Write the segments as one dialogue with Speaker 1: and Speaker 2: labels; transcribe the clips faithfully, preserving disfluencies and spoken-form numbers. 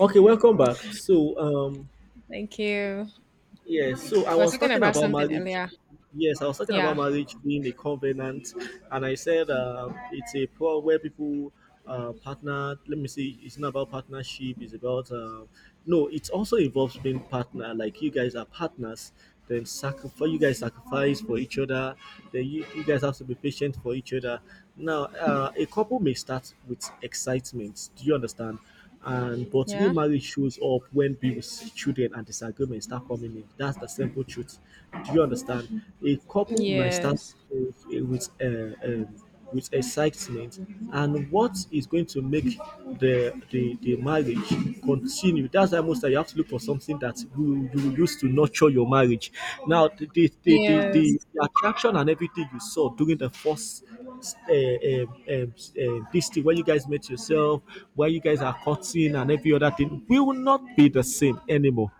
Speaker 1: Okay, welcome back. So, um,
Speaker 2: Thank you.
Speaker 1: yeah, so I
Speaker 2: We were
Speaker 1: was
Speaker 2: talking
Speaker 1: talking
Speaker 2: about
Speaker 1: about
Speaker 2: something
Speaker 1: marriage.
Speaker 2: earlier.
Speaker 1: Yes, I was talking
Speaker 2: Yeah.
Speaker 1: about marriage being a covenant, and I said um, it's a pro where people uh, partner. Let me see, it's not about partnership. It's about uh, no. It also involves being partner. Like you guys are partners, then sacrifice. You guys sacrifice for each other. Then you, you guys have to be patient for each other. Now, uh, a couple may start with excitement. Do you understand? And but real
Speaker 2: Yeah.
Speaker 1: marriage shows up when bills, children, and disagreements start coming in. That's the simple truth. Do you understand? A couple might start
Speaker 2: Yes.
Speaker 1: with with uh, um, with excitement, and what is going to make the the, the marriage continue? You. That's why most times you have to look for something that you, you will use to nurture your marriage. Now, the, the, the, the,
Speaker 2: Yes.
Speaker 1: the attraction and everything you saw during the first uh, um, um, uh, this thing, when you guys met yourself, where you guys are cutting and every other thing, will not be the same anymore.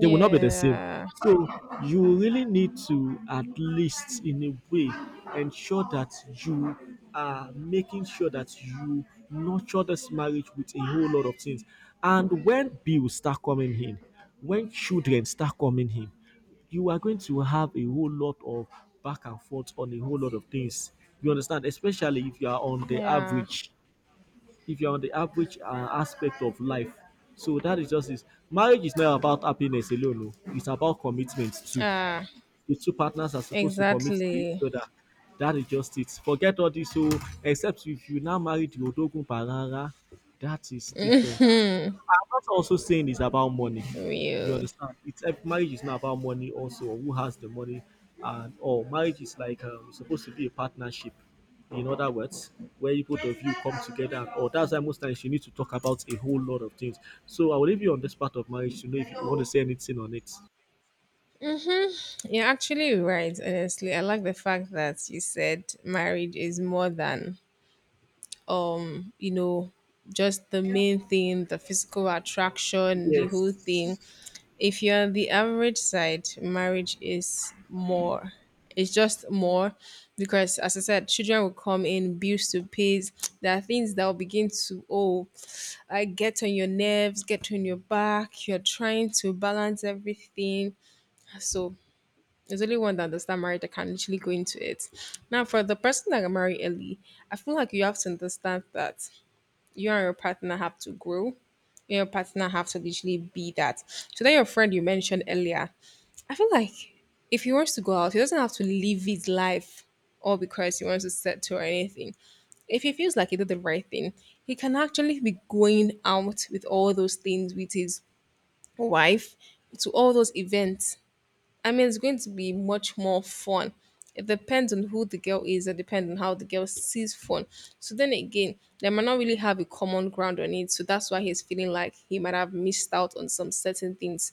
Speaker 1: They will not be the same. So you really need to, at least in a way, ensure that you are making sure that you nurture this marriage with a whole lot of things. And when bills start coming in, when children start coming in, you are going to have a whole lot of back and forth on a whole lot of things. You understand, especially if you are on the
Speaker 2: Yeah.
Speaker 1: average if you're on the average uh, aspect of life. So that is just it. Marriage is not about happiness alone. Oh. It's about commitment too.
Speaker 2: Ah,
Speaker 1: The two partners are supposed to commit to each
Speaker 2: exactly.
Speaker 1: other. That is just it. Forget all this. So except if you now marry the Odogun Parara, that is different.
Speaker 2: Hmm.
Speaker 1: I'm not also saying it's about money. You
Speaker 2: Real.
Speaker 1: understand? It's ev- marriage is not about money also or who has the money and or marriage is like um, it's supposed to be a partnership. In other words, where you both of you come together, and- or that's why most times you need to talk about a whole lot of things. So I will leave you on this part of marriage to know if you want to say anything on it.
Speaker 2: You're actually right, honestly. I like the fact that you said marriage is more than um, you know, just the main thing, the physical attraction, the whole thing. If you're on the average side, marriage is more. It's just more because, as I said, children will come in, bills to pay. There are things that will begin to, oh, I get on your nerves, get on your back. You're trying to balance everything. So there's only one that understand marriage that can literally go into it. Now, for the person that can marry early, I feel like you have to understand that you and your partner have to grow. You and your partner have to literally be that. So, that your friend you mentioned earlier, I feel like if he wants to go out, he doesn't have to live his life all because he wants to settle or anything. If he feels like he did the right thing, he can actually be going out with all those things with his wife to all those events. I mean, it's going to be much more fun. It depends on who the girl is, it depends on how the girl sees fun. So then again, they might not really have a common ground on it. So that's why he's feeling like he might have missed out on some certain things.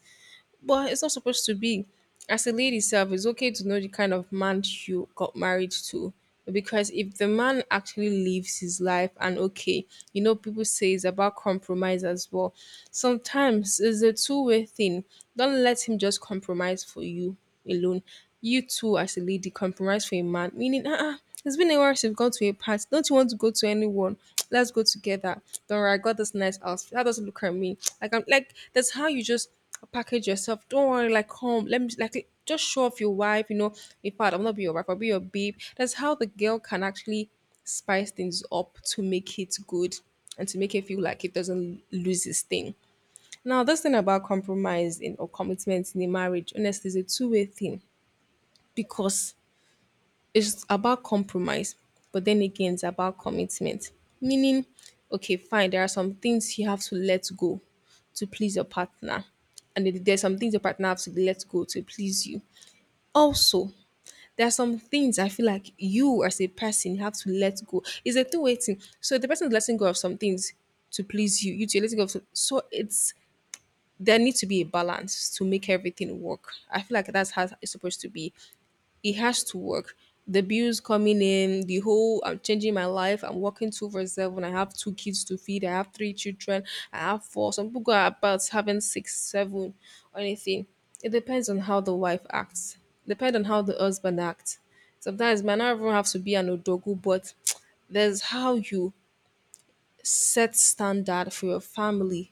Speaker 2: But it's not supposed to be. As a lady self, it's okay to know the kind of man you got married to. Because if the man actually lives his life and okay, you know, people say it's about compromise as well. Sometimes it's a two way thing. Don't let him just compromise for you alone. You too, as a lady, compromise for a man. Meaning, ah, uh it's been a while since we've gone to a party. Don't you want to go to anyone? Let's go together. Don't worry, I got this nice outfit. That doesn't look at me. Like I'm like that's how you just package yourself. Don't worry, like come, let me like just show off your wife, you know. In fact, I'm not be your wife, I'll be your babe. That's how the girl can actually spice things up to make it good and to make it feel like it doesn't lose its thing. Now, this thing about compromise in or commitment in a marriage, honestly, is a two-way thing because it's about compromise, but then again, it's about commitment. Meaning, okay, fine, there are some things you have to let go to please your partner, and then there's some things your partner has to let go to please you. Also, there are some things I feel like you as a person have to let go. It's a two-way thing. So the person is letting go of some things to please you. You too are letting go of some, so it's there needs to be a balance to make everything work. I feel like that's how it's supposed to be it has to work. The bills coming in, the whole I'm changing my life. I'm working two for seven. I have two kids to feed. I have three children. I have four. Some people are about having six, seven, or anything. It depends on how the wife acts. Depend on how the husband acts. Sometimes man, not everyone have to be an odogu, but there's how you set standard for your family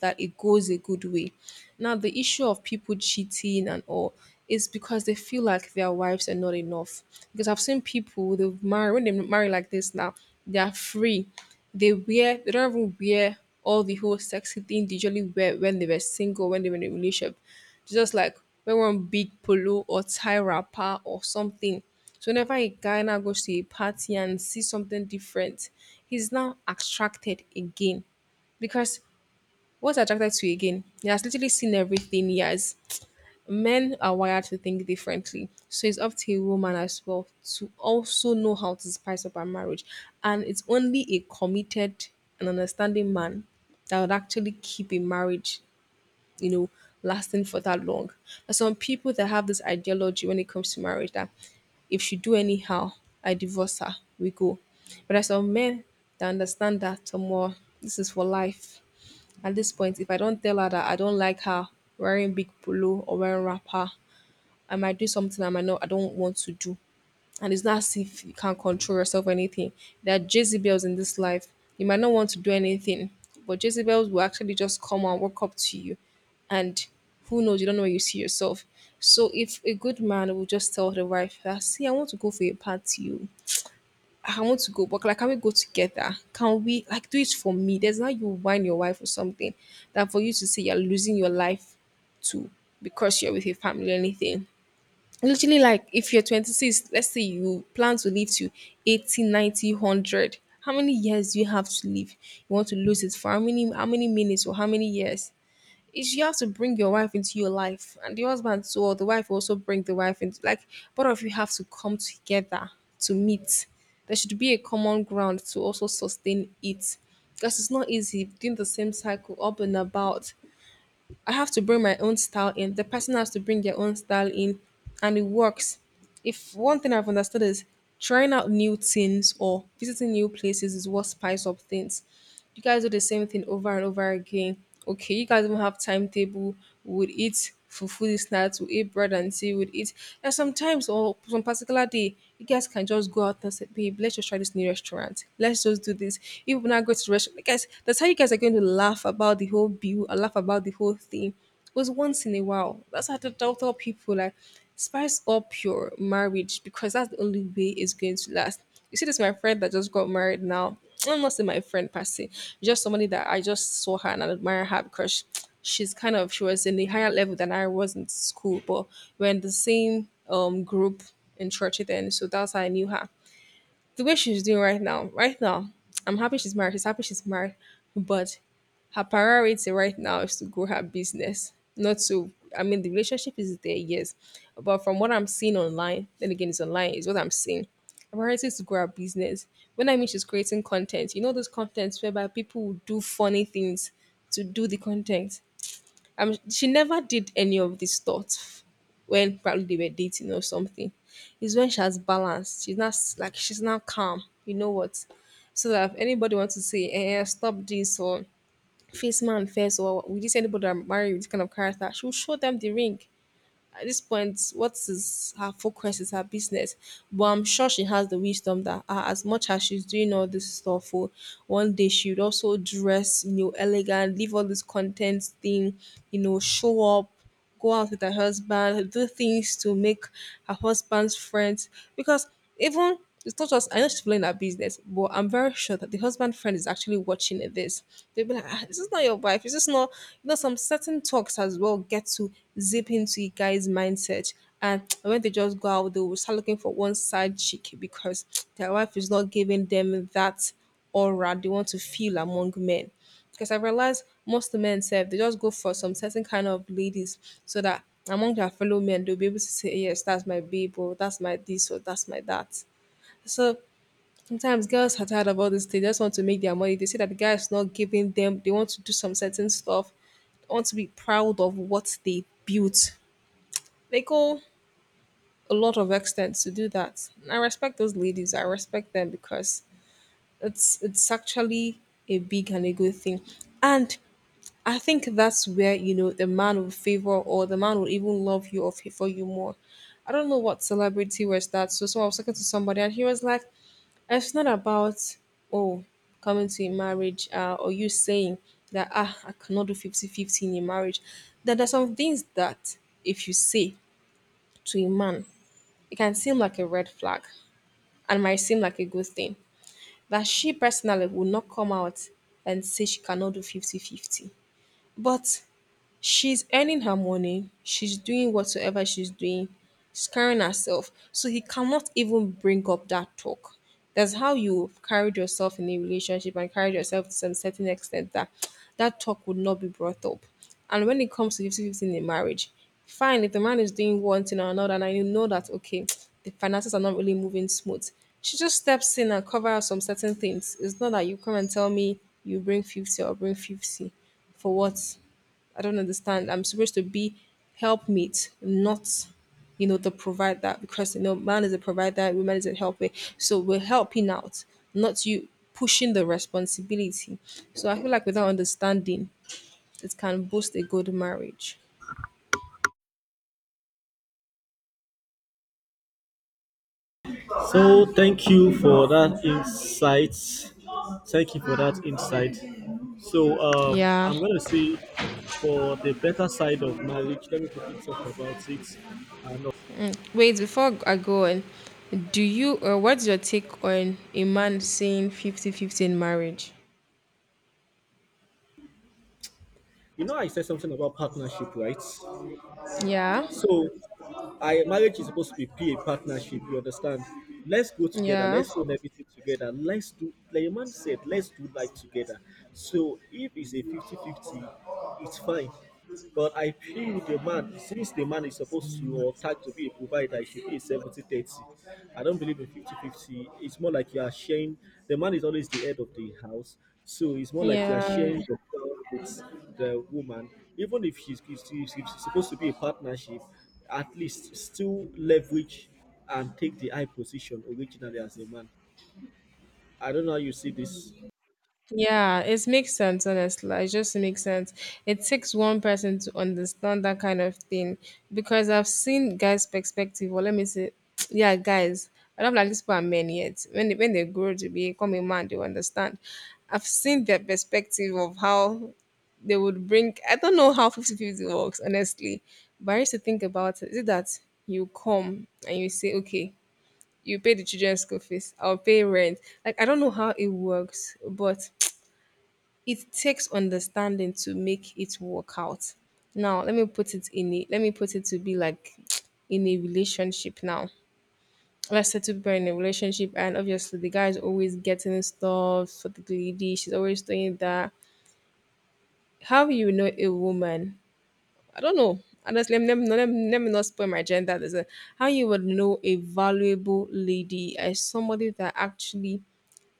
Speaker 2: that it goes a good way. Now, the issue of people cheating and all is because they feel like their wives are not enough. Because I've seen people they marry when they marry like this now, they are free. They wear they don't even wear all the whole sexy thing they usually wear when they were single, when they were in a relationship. They just like wear one big polo or tie wrapper or something. So whenever a guy now goes to a party and sees something different, he's now attracted again because was attracted to you again. He has literally seen everything. He has men are wired to think differently. So it's up to a woman as well to also know how to spice up her marriage. And it's only a committed and understanding man that would actually keep a marriage, you know, lasting for that long. There's some people that have this ideology when it comes to marriage that if she do anyhow, I divorce her, we go. But there's some men that understand that some more this is for life at this point, if I don't tell her that I don't like her wearing big polo or wearing wrapper, I might do something I might not I don't want to do. And it's not as if you can't control yourself or anything. There are Jezebels in this life. You might not want to do anything, but Jezebels will actually just come and walk up to you and who knows, you don't know where you see yourself. So if a good man will just tell the wife that see, I want to go for a party. Oh, I want to go, but like, can we go together? Can we like do it for me? There's not you whine your wife or something that for you to say you're losing your life to because you're with your family or anything. Literally, like if you're twenty-six, let's say you plan to live to eighty, ninety, one hundred. How many years do you have to live? You want to lose it for how many how many minutes or how many years? Is you have to bring your wife into your life and the husband too or the wife will also bring the wife into like both of you have to come together to meet there should be a common ground to also sustain it because it's not easy doing the same cycle up and about I have to bring my own style in. The person has to bring their own style in, and it works. If one thing I've understood is trying out new things or visiting new places is what spice up things. You guys do the same thing over and over again. Okay, you guys don't have timetable would eat fufu snacks, we eat bread and tea, we'd eat. And sometimes, or some particular day, you guys can just go out and say, babe, let's just try this new restaurant. Let's just do this. If we're not going to the restaurant, guys, that's how you guys are going to laugh about the whole bill and laugh about the whole thing. It was once in a while. That's how to tell tell people, like, spice up your marriage because that's the only way it's going to last. You see, this my friend that just got married now. I'm not saying my friend per se, just somebody that I just saw her and I admire her because she's kind of she was in the higher level than I was in school, but we're in the same um group in church then, so that's how I knew her the way she's doing right now, right now, I'm happy she's married. She's happy she's married, but her priority right now is to grow her business. Not to, I mean, the relationship is there, yes, but from what I'm seeing online, then again, it's online, is what I'm seeing. Her priority is to grow her business. When I mean she's creating content, you know those contents whereby people do funny things to do the content um she never did any of this stuff when probably they were dating or something. It's when she has balance. She's not s- Like she's not calm. You know what? So that if anybody wants to say, eh, eh, stop this or face man first or we just anybody that married with this kind of character, she'll show them the ring at this point, what is her focus is her business. But I'm sure she has the wisdom that uh, as much as she's doing all this stuff, oh, one day she would also dress, you know, elegant, leave all this content thing, you know, show up, go out with her husband, do things to make her husband's friends. Because even it's not just I know she's following her business, but I'm very sure that the husband friend is actually watching it this. They'll be like, ah, this is not your wife. This is not you know some certain talks as well get to zip into a guy's mindset. And when they just go out, they will start looking for one side chick because their wife is not giving them that aura they want to feel among men. Because I realized most of the men self, they just go for some certain kind of ladies so that among their fellow men they'll be able to say, yes, that's my babe, or that's my this, or that's my that. So sometimes girls are tired of all this thing, they just want to make their money. They see that the guy is not giving them, they want to do some certain stuff, they want to be proud of what they built. They go a lot of extent to do that. And I respect those ladies, I respect them because it's it's actually a big and a good thing. And I think that's where, you know, the man will favor, or the man will even love you or favor you more. I don't know what celebrity was that. So, so I was talking to somebody and he was like, "It's not about, oh coming to a marriage, uh, or you saying that, ah I cannot do fifty-fifty in a marriage." That there's some things that if you say to a man, it can seem like a red flag and might seem like a good thing. That she personally will not come out and say she cannot do fifty-fifty, but she's earning her money, she's doing whatsoever she's doing, she's carrying herself, so he cannot even bring up that talk. That's how you carried yourself in a relationship and carried yourself to some certain extent, that that talk would not be brought up. And when it comes to fifty-fifty in a marriage, fine, if the man is doing one thing or another and you know that, okay, the finances are not really moving smooth, she just steps in and covers up some certain things. It's not that you come and tell me, you bring fifty or bring fifty for what? I don't understand. I'm supposed to be helpmeet, not, you know, the provider, because you know man is a provider, woman is a helper. So we're helping out, not you pushing the responsibility. So I feel like, without understanding, it can boost a good marriage.
Speaker 1: So thank you for that insight. Thank you for that insight. So um,
Speaker 2: Yeah.
Speaker 1: I'm gonna say for the better side of marriage. Let me quickly talk about it. And uh,
Speaker 2: Wait, before I go on, do you, or what's your take on a man saying 50 fifty in marriage?
Speaker 1: you know, I said something about partnership, right?
Speaker 2: Yeah.
Speaker 1: So, I marriage is supposed to be peer partnership. You understand? Let's go together.
Speaker 2: Yeah.
Speaker 1: Let's own everything together. Let's do. Like your man said, let's do life together. So, if it's a fifty-fifty, it's fine. But I feel the man, since the man is supposed to or tagged to be a provider, it should be a seventy thirty. I don't believe in fifty-fifty. It's more like you are sharing. The man is always the head of the house, so it's more like you are
Speaker 2: Yeah.
Speaker 1: sharing your with the woman, even if she's, if she's if she's supposed to be a partnership, at least still leverage and take the high position originally as a man. I don't know how you see this.
Speaker 2: Yeah, it makes sense, honestly. It just makes sense. It takes one person to understand that kind of thing, because I've seen guys' perspective. Well, let me say, yeah, guys. I don't like these people are men yet. When they, when they grow to become a man, they will understand. I've seen their perspective of how they would bring. I don't know how fifty fifty works, honestly. But I used to think about it. Is it that you come and you say, okay, you pay the children's school fees, I'll pay rent? Like, I don't know how it works, but it takes understanding to make it work out. Now, let me put it in a let me put it to be like, in a relationship now. Let's say two people are in a relationship, and obviously the guy is always getting stuff for the lady, she's always doing that. How you know a woman? I don't know. Honestly, let me, let me, let me, let me not spoil my gender. There's a, how you would know a valuable lady as somebody that actually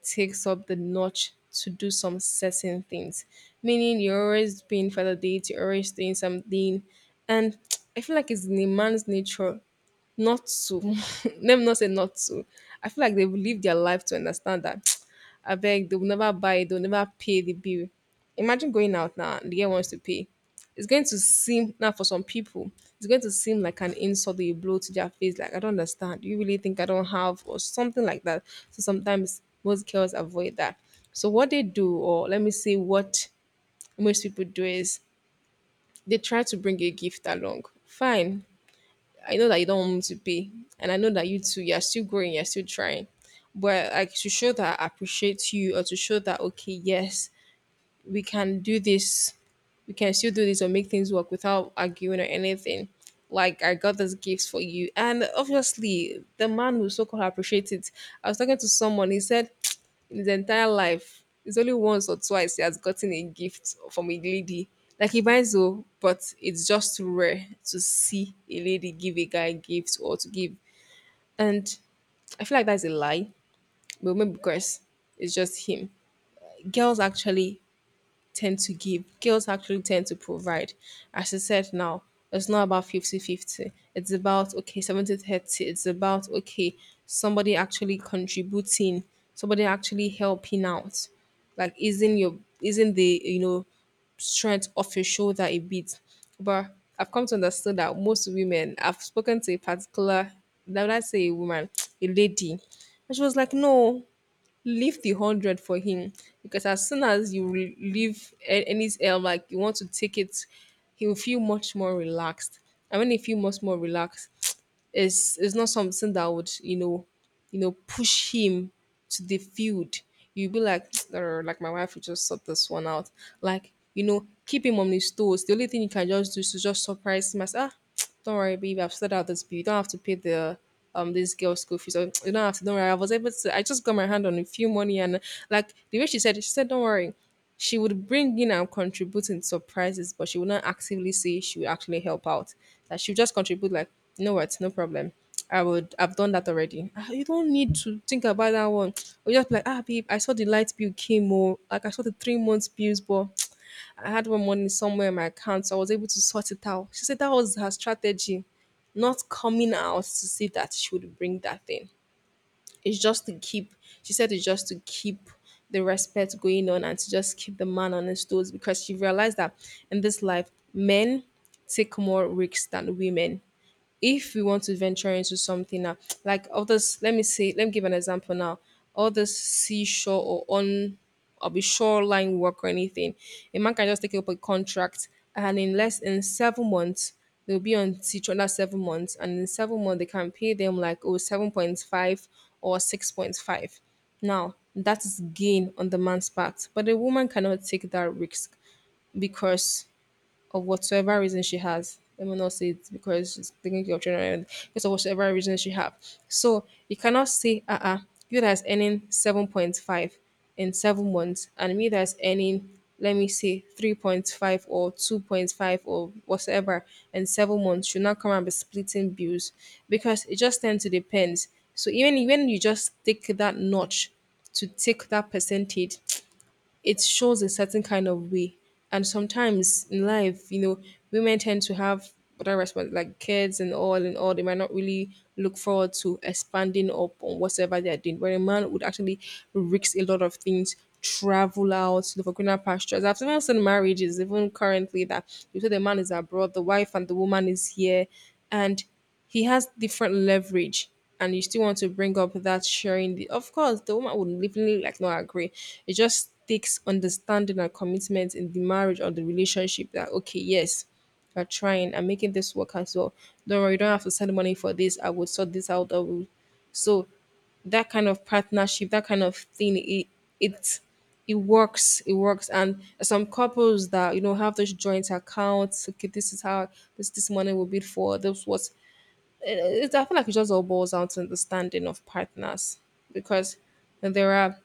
Speaker 2: takes up the notch to do some certain things. Meaning you're always being validated, you're always doing something. And I feel like it's in a man's nature not to. Let me not say not to. I feel like they've lived their life to understand that. I beg, they'll never buy it, they'll never pay the bill. Imagine going out now and the girl wants to pay, it's going to seem now, for some people, it's going to seem like an insult or a blow to their face, like, I don't understand, you really think I don't have, or something like that. So sometimes most girls avoid that. So what they do, or let me say what most people do, is they try to bring a gift along. Fine, I know that you don't want me to pay, and I know that you too, you're still growing, you're still trying, but like, to show that I appreciate you, or to show that, okay, yes, we can do this, we can still do this or make things work without arguing or anything. Like, I got this gift for you, and obviously the man who so called appreciate it. I was talking to someone. He said, in his entire life, it's only once or twice he has gotten a gift from a lady. Like, he buys though, but it's just rare to see a lady give a guy a gift, or to give. And I feel like that's a lie, but maybe because it's just him. Girls actually tend to give Girls actually tend to provide. As I said now, it's not about fifty-fifty, it's about, okay, seventy thirty. It's about, okay, somebody actually contributing, somebody actually helping out, like, isn't your isn't the, you know, strength off your shoulder a bit. But I've come to understand that most women, I've spoken to a particular, now I say a woman, a lady, and she was like, no, leave the hundred for him, because as soon as you re- leave a- any um, like, you want to take it, he'll feel much more relaxed. And when he feel much more relaxed, is is not something that would, you know you know push him to the field. You'd be like, "Arr, like, my wife will just sort this one out." Like, you know, keep him on his toes. The only thing you can just do is to just surprise him, as, ah, don't worry baby, I've sorted out this bill, you don't have to pay the, um this girl's school fees, or you don't have to, don't worry, I was able to I just got my hand on a few money, and, like the way she said it, she said, don't worry, she would bring in and contribute in surprises, but she would not actively say she would actually help out. That she would just contribute like, you know what, no problem. I would I've done that already. "Ah, you don't need to think about that one." Or just be like, ah babe, I saw the light bill came, or like, I saw the three months bills, but I had one money somewhere in my account, so I was able to sort it out. She said that was her strategy, not coming out to see that she would bring that thing. It's just to keep, she said it's just to keep the respect going on, and to just keep the man on his toes, because she realized that in this life, men take more risks than women. If we want to venture into something now, like all this, let me say, let me give an example now. All this seashore, or on, or be shoreline work or anything, a man can just take up a contract and in less, in seven months, they'll be on sea. Under seven months, and in seven months they can pay them like, oh seven point five or six point five. Now that is gain on the man's part, but a woman cannot take that risk because of whatsoever reason she has. Let me not say it's because she's taking care of children, and because of whatever reason she have. So you cannot say, uh uh you that's earning seven point five in seven months, and me that's earning, let me say, three point five or two point five or whatever in seven months, should not come and be splitting bills, because it just tends to depend. So even when you just take that notch to take that percentage, it shows a certain kind of way. And sometimes in life, you know, women tend to have other response, like kids and all and all. They might not really look forward to expanding up on whatever they are doing. Where a man would actually risk a lot of things, travel out, look for greener pastures. I've even seen marriages, even currently, that you say the man is abroad, the wife and the woman is here, and he has different leverage, and you still want to bring up that sharing. The, of course, the woman would definitely like not agree. It just takes understanding and commitment in the marriage or the relationship, that, okay, yes, you're trying, I'm making this work as well, don't worry, you don't have to send money for this, I will sort this out, I will. so that kind of partnership, that kind of thing, it it it works it works and some couples that, you know, have those joint accounts. Okay, this is how this this money will be for this, what it, I feel like it just all boils down to understanding of partners, because there are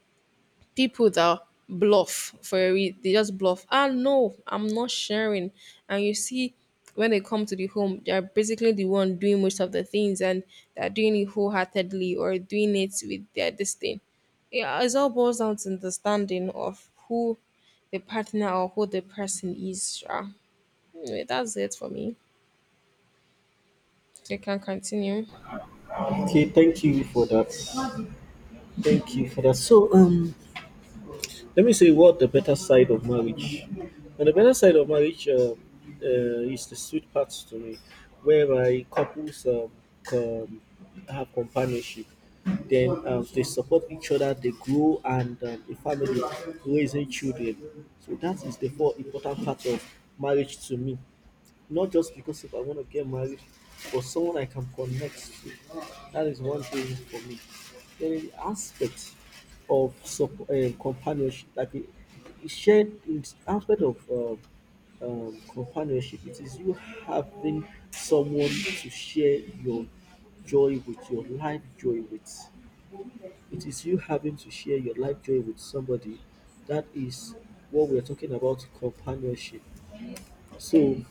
Speaker 2: people that bluff for a reason. They just bluff. Ah, no, I'm not sharing. And you see, when they come to the home, they're basically the one doing most of the things, and they're doing it wholeheartedly or doing it with their disdain. Thing. Yeah, it all boils down to understanding of who the partner or who the person is. Sha. Anyway, that's it for me. You can continue.
Speaker 1: Okay, thank you for that. Thank you for that. So, um, let me say what the better side of marriage and the better side of marriage uh, uh, is the sweet part to me, whereby couples um, com- have companionship. Then um, they support each other, they grow, and um, a family, raising children. So that is the four important part of marriage to me, not just because if I want to get married, but someone I can connect to. That is one thing for me. There is the aspect of support, um, companionship, like a a shared in- aspect of um, um, companionship. It is you having someone to share your joy with, your life joy with. It is you having to share your life joy with somebody. That is what we are talking about companionship. So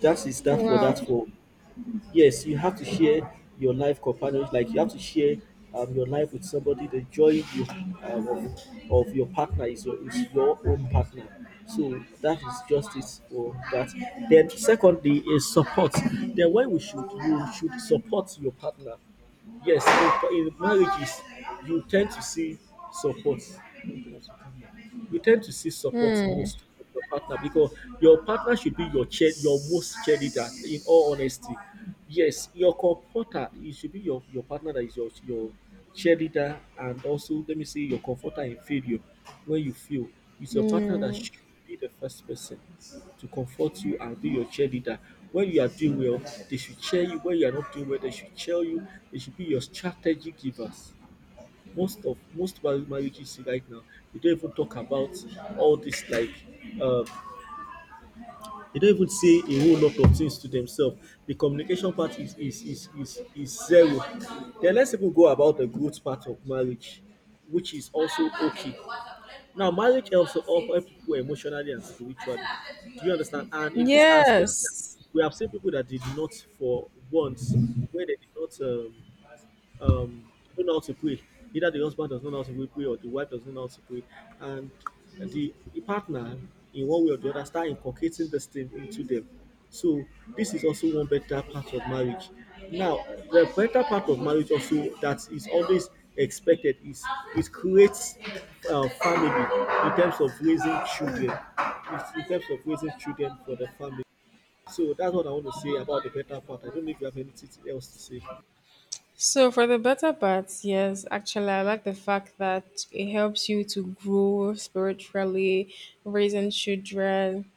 Speaker 1: that is that for
Speaker 2: Wow.
Speaker 1: that for yes, you have to share your life companions. Like you have to share um, your life with somebody. The joy you, um, of, of your partner is your, is your own partner. So that is just it for that. Then secondly is support. Then why we should you should support your partner. Yes, in, in marriages, you tend to see support you tend to see support
Speaker 2: Hmm.
Speaker 1: most from your partner, because your partner should be your chair, your most cheerleader. In all honesty, yes, your comforter. It should be your your partner that is your your cheerleader, and also let me say your comforter in failure when you feel. It's your partner that
Speaker 2: Mm,
Speaker 1: should be the first person to comfort you and be your cheerleader. When you are doing well, they should cheer you. When you are not doing well, they should cheer you. They should be your strategy givers. Most of most mar- marriages right now, they don't even talk about all this, like um, they don't even say a whole lot of things to themselves. The communication part is is is is, is zero. Then let's even go about the growth part of marriage, which is also okay. Now marriage also helps people emotionally and spiritually, do you understand, and in this aspect,
Speaker 2: yes.
Speaker 1: we have seen people that they did not for once where they did not um, um they don't know how to pray. Either the husband does not know how to pray or the wife does not know how to pray. And the, the partner, in one way or the other, start inculcating this thing into them. So this is also one better part of marriage. Now, the better part of marriage also that is always expected is it creates uh, family in terms of raising children. It's in terms of raising children for the family. So that's what I want to say about the better part. I don't know if you have anything else to say.
Speaker 2: So for the better part, yes, actually, I like the fact that it helps you to grow spiritually, raising children.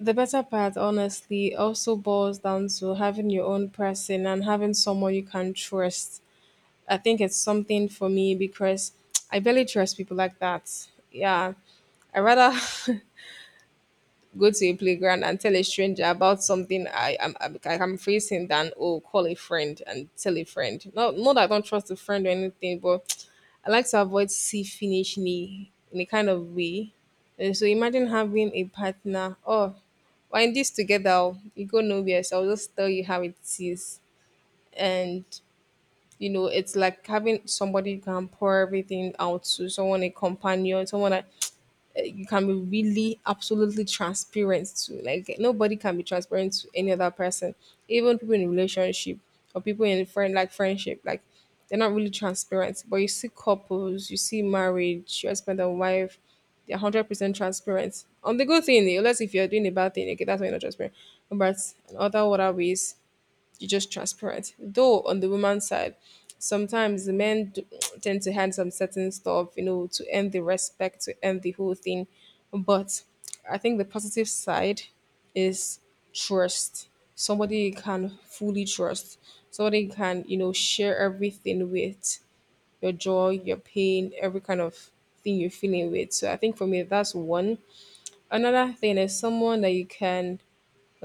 Speaker 2: The better part, honestly, also boils down to having your own person and having someone you can trust. I think it's something for me, because I barely trust people like that. Yeah, I rather go to a playground and tell a stranger about something I am I'm, I'm facing than oh call a friend and tell a friend. No, not that I don't trust a friend or anything, but I like to avoid see finish me in a kind of way. And so imagine having a partner. Oh, we're in this together. oh, You go nowhere, so I'll just tell you how it is. And you know, it's like having somebody you can pour everything out to, someone a companion, someone that uh, you can be really absolutely transparent to. Like nobody can be transparent to any other person, even people in relationship or people in friend like friendship. Like they're not really transparent. But you see couples, you see marriage, your husband and wife, they're hundred percent transparent on the good thing. Unless if you're doing a bad thing, okay, that's why you're not transparent. But in other other ways, you're just transparent. Though on the woman's side, sometimes the men do, tend to hand some certain stuff, you know, to end the respect, to end the whole thing. But I think the positive side is trust. Somebody you can fully trust. Somebody you can, you know, share everything with, your joy, your pain, every kind of thing you're feeling with. So I think for me that's one. Another thing is someone that you can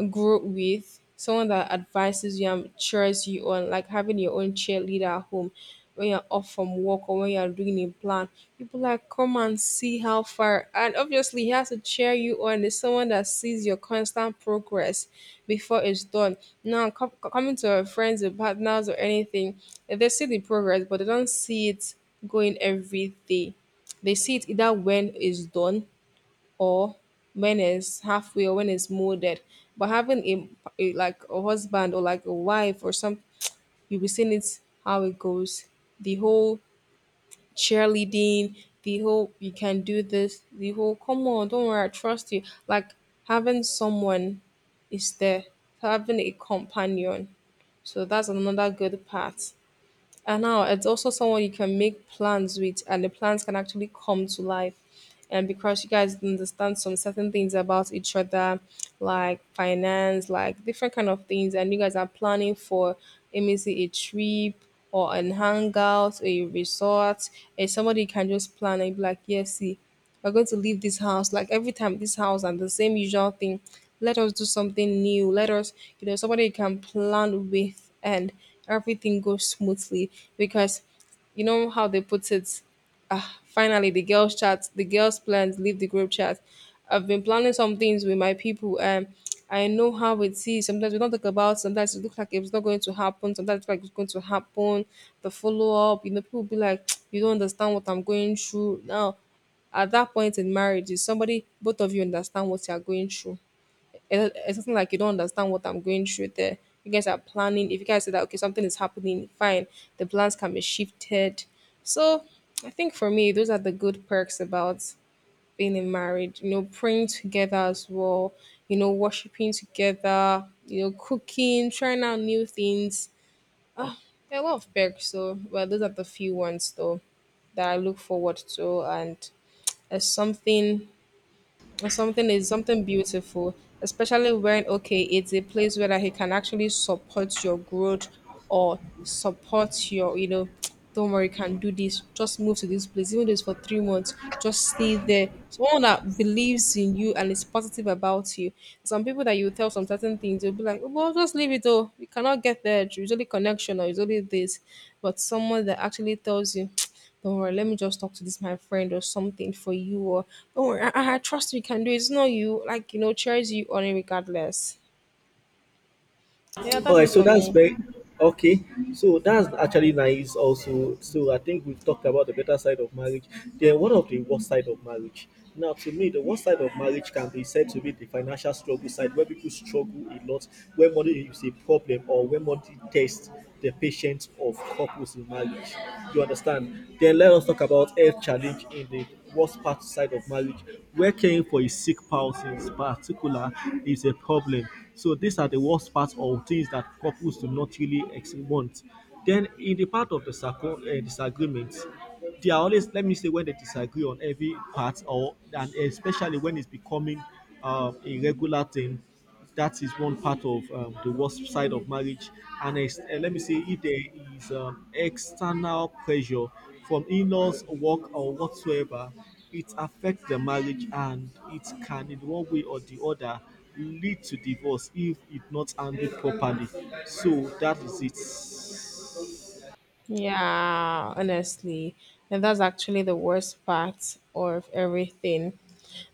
Speaker 2: grow with, someone that advises you and cheers you on, like having your own cheerleader at home when you're off from work or when you're doing a plan. People like come and see how far, and obviously he has to cheer you on. Is someone that sees your constant progress before it's done. Now com- coming to our friends, or partners, or anything, they see the progress, but they don't see it going every day. They see it either when it's done, or when it's halfway, or when it's molded. But having a, a like a husband or like a wife or some, you'll be seeing it how it goes. The whole cheerleading, the whole you can do this, the whole come on, don't worry, I trust you. Like having someone is there, having a companion. So that's another good part. And now it's also someone you can make plans with, and the plans can actually come to life. And because you guys understand some certain things about each other, like finance, like different kind of things, and you guys are planning for maybe a trip or an hangout, a resort, it's somebody you can just plan and be like, yes, see, we're going to leave this house, like every time this house and the same usual thing, let us do something new. Let us, you know somebody you can plan with, and everything goes smoothly, because you know how they put it. Ah, finally the girls chat, the girls plans leave the group chat. I've been planning some things with my people, and I know how it is. Sometimes we don't talk about, sometimes it looks like it's not going to happen, sometimes it's like it's going to happen. The follow-up, you know, people be like, you don't understand what I'm going through now. At that point in marriage is somebody both of you understand what you're going through. It- It's something like you don't understand what I'm going through there. You guys are planning. If you guys say that okay, something is happening, fine. The plans can be shifted. So I think for me, those are the good perks about being in marriage. You know, praying together as well. You know, worshiping together. You know, cooking, trying out new things. Ah, there are a lot of perks. So well, those are the few ones though that I look forward to, and as something something is something beautiful, especially when okay, it's a place where that he can actually support your growth or support your, you know, don't worry, you can do this. Just move to this place, even though it's for three months. Just stay there. Someone that believes in you and is positive about you. Some people that you tell some certain things, you'll be like, "Oh, well, just leave it. Oh, you cannot get there. It's usually connection or usually this," but someone that actually tells you. Don't worry, let me just talk to this my friend or something for you. Or don't worry, I, I trust we can do it. It's not you, like you know, cheers you on it regardless. Yeah,
Speaker 1: All
Speaker 2: that's
Speaker 1: right,
Speaker 2: it
Speaker 1: so
Speaker 2: for
Speaker 1: that's
Speaker 2: me.
Speaker 1: very okay. So that's actually nice. Also, so I think we've talked about the better side of marriage. Then, what of the worst side of marriage? Now, to me, the worst side of marriage can be said to be the financial struggle side, where people struggle a lot, where money is a problem, or where money tests the patience of couples in marriage. You understand? Then let us talk about health challenge in the worst part side of marriage, where caring for a sick person in particular is a problem. So these are the worst parts of things that couples do not really ex- want. Then in the part of the circle, uh, disagreements, they are always, let me say, when they disagree on every part, or and especially when it's becoming um, a regular thing, that is one part of um, the worst side of marriage. And ex- uh, let me say if there is um, external pressure from in-laws, work, or whatsoever, it affects the marriage, and it can in one way or the other lead to divorce if it not handled properly. So that is it.
Speaker 2: Yeah, honestly, and that's actually the worst part of everything.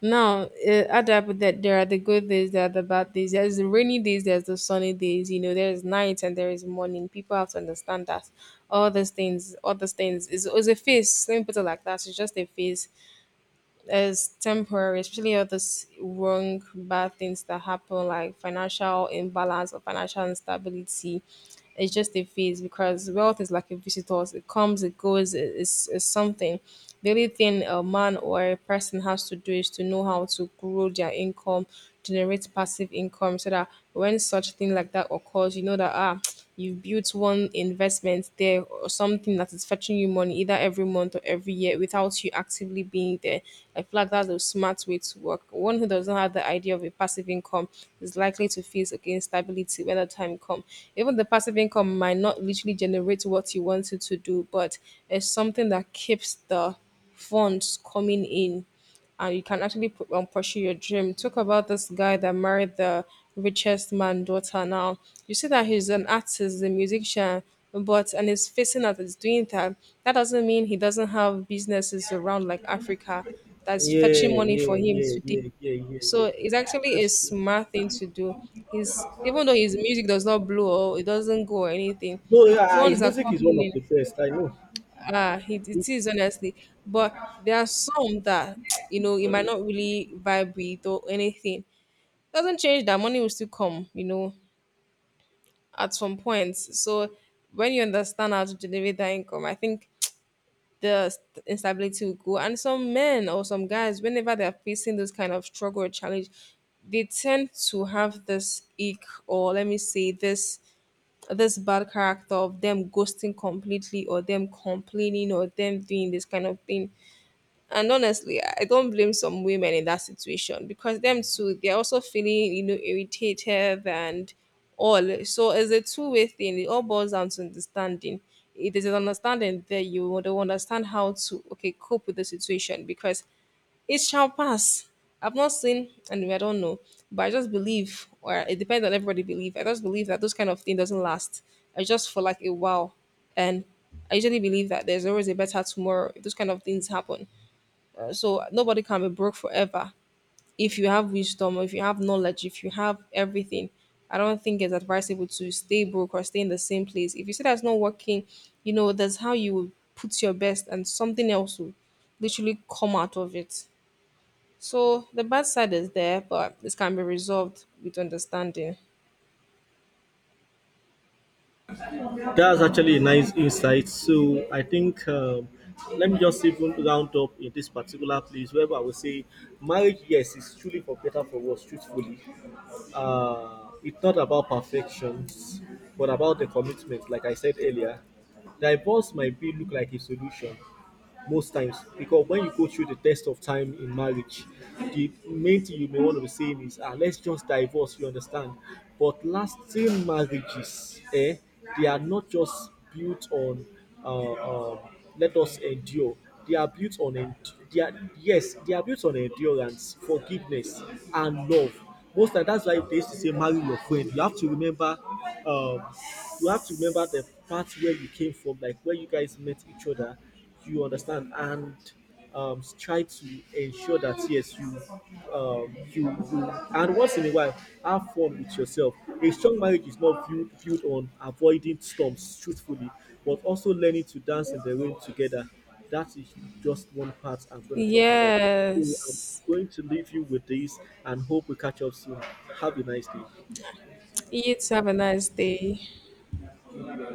Speaker 2: Now, uh, add up that there are the good days, there are the bad days. There's the rainy days, there's the sunny days. You know, there is night and there is morning. People have to understand that all these things, all these things is, is a phase. Let me put it like that. It's just a phase. Is temporary, especially all those wrong bad things that happen, like financial imbalance or financial instability. It's just a phase, because wealth is like a visitor; it comes, it goes. it- It's, it's something. The only thing a man or a person has to do is to know how to grow their income, generate passive income, so that when such thing like that occurs, you know that ah. You've built one investment there or something that is fetching you money either every month or every year without you actively being there. I feel like that's a smart way to work. One who doesn't have the idea of a passive income is likely to face against stability when the time comes. Even the passive income might not literally generate what you wanted to do, but it's something that keeps the funds coming in, and you can actually pu- um, pursue your dream. Talk about this guy that married the richest man daughter. Now you see that he's an artist, a musician, but and he's facing out he's doing that. That doesn't mean he doesn't have businesses around like Africa that's
Speaker 1: Yeah,
Speaker 2: fetching money
Speaker 1: yeah,
Speaker 2: for him
Speaker 1: yeah,
Speaker 2: today.
Speaker 1: yeah, yeah, yeah, yeah.
Speaker 2: So it's actually a
Speaker 1: That's true.
Speaker 2: smart thing to do. He's even though his music does not blow or it doesn't go or anything,
Speaker 1: No, yeah, his
Speaker 2: funds are
Speaker 1: music is one
Speaker 2: coming
Speaker 1: of
Speaker 2: in.
Speaker 1: the best, I know.
Speaker 2: Ah, it, it is honestly, but there are some that you know you might not really vibe with or anything. Doesn't change that money will still come, you know, at some point. So when you understand how to generate that income, I think the st- instability will go. And some men or some guys, whenever they're facing those kind of struggle or challenge, they tend to have this ick, or let me say this this bad character of them ghosting completely or them complaining or them doing this kind of thing. And honestly, I don't blame some women in that situation, because them too, they're also feeling, you know, irritated and all. So it's a two-way thing. It all boils down to understanding. If there's an understanding there, you would understand how to okay cope with the situation, because it shall pass. I've not seen, and I don't know, but I just believe, or it depends on everybody believe. I just believe that those kind of thing doesn't last. I just for like a while, and I usually believe that there's always a better tomorrow if those kind of things happen. So nobody can be broke forever. If you have wisdom, or if you have knowledge, if you have everything, I don't think it's advisable to stay broke or stay in the same place. If you see that's not working, you know, that's how you will put your best and something else will literally come out of it. So the bad side is there, but this can be resolved with understanding.
Speaker 1: That's actually a nice insight. So I think, um, let me just even round up in this particular place where I would say marriage, yes, is truly for better for worse, truthfully. Uh, it's not about perfections, but about the commitment, like I said earlier. Divorce might be look like a solution most times, because when you go through the test of time in marriage, the main thing you may want to be saying is, ah let's just divorce, you understand? But lasting marriages, eh they are not just built on uh, um, let us endure. They are built on end- they are yes they are built on endurance, forgiveness, and love. Most times, that's why they used to say marry your friend. You have to remember, um you have to remember the part where you came from, like where you guys met each other, you understand, and um, try to ensure that, yes, you um, you, you and once in a while have fun with yourself. A strong marriage is not built, built on avoiding storms, truthfully, but also learning to dance in the rain together. That is just one part I'm going to talk about. So I'm
Speaker 2: Yes.
Speaker 1: going to leave you with this and hope we catch up soon. Have a nice day.
Speaker 2: You too have a nice day.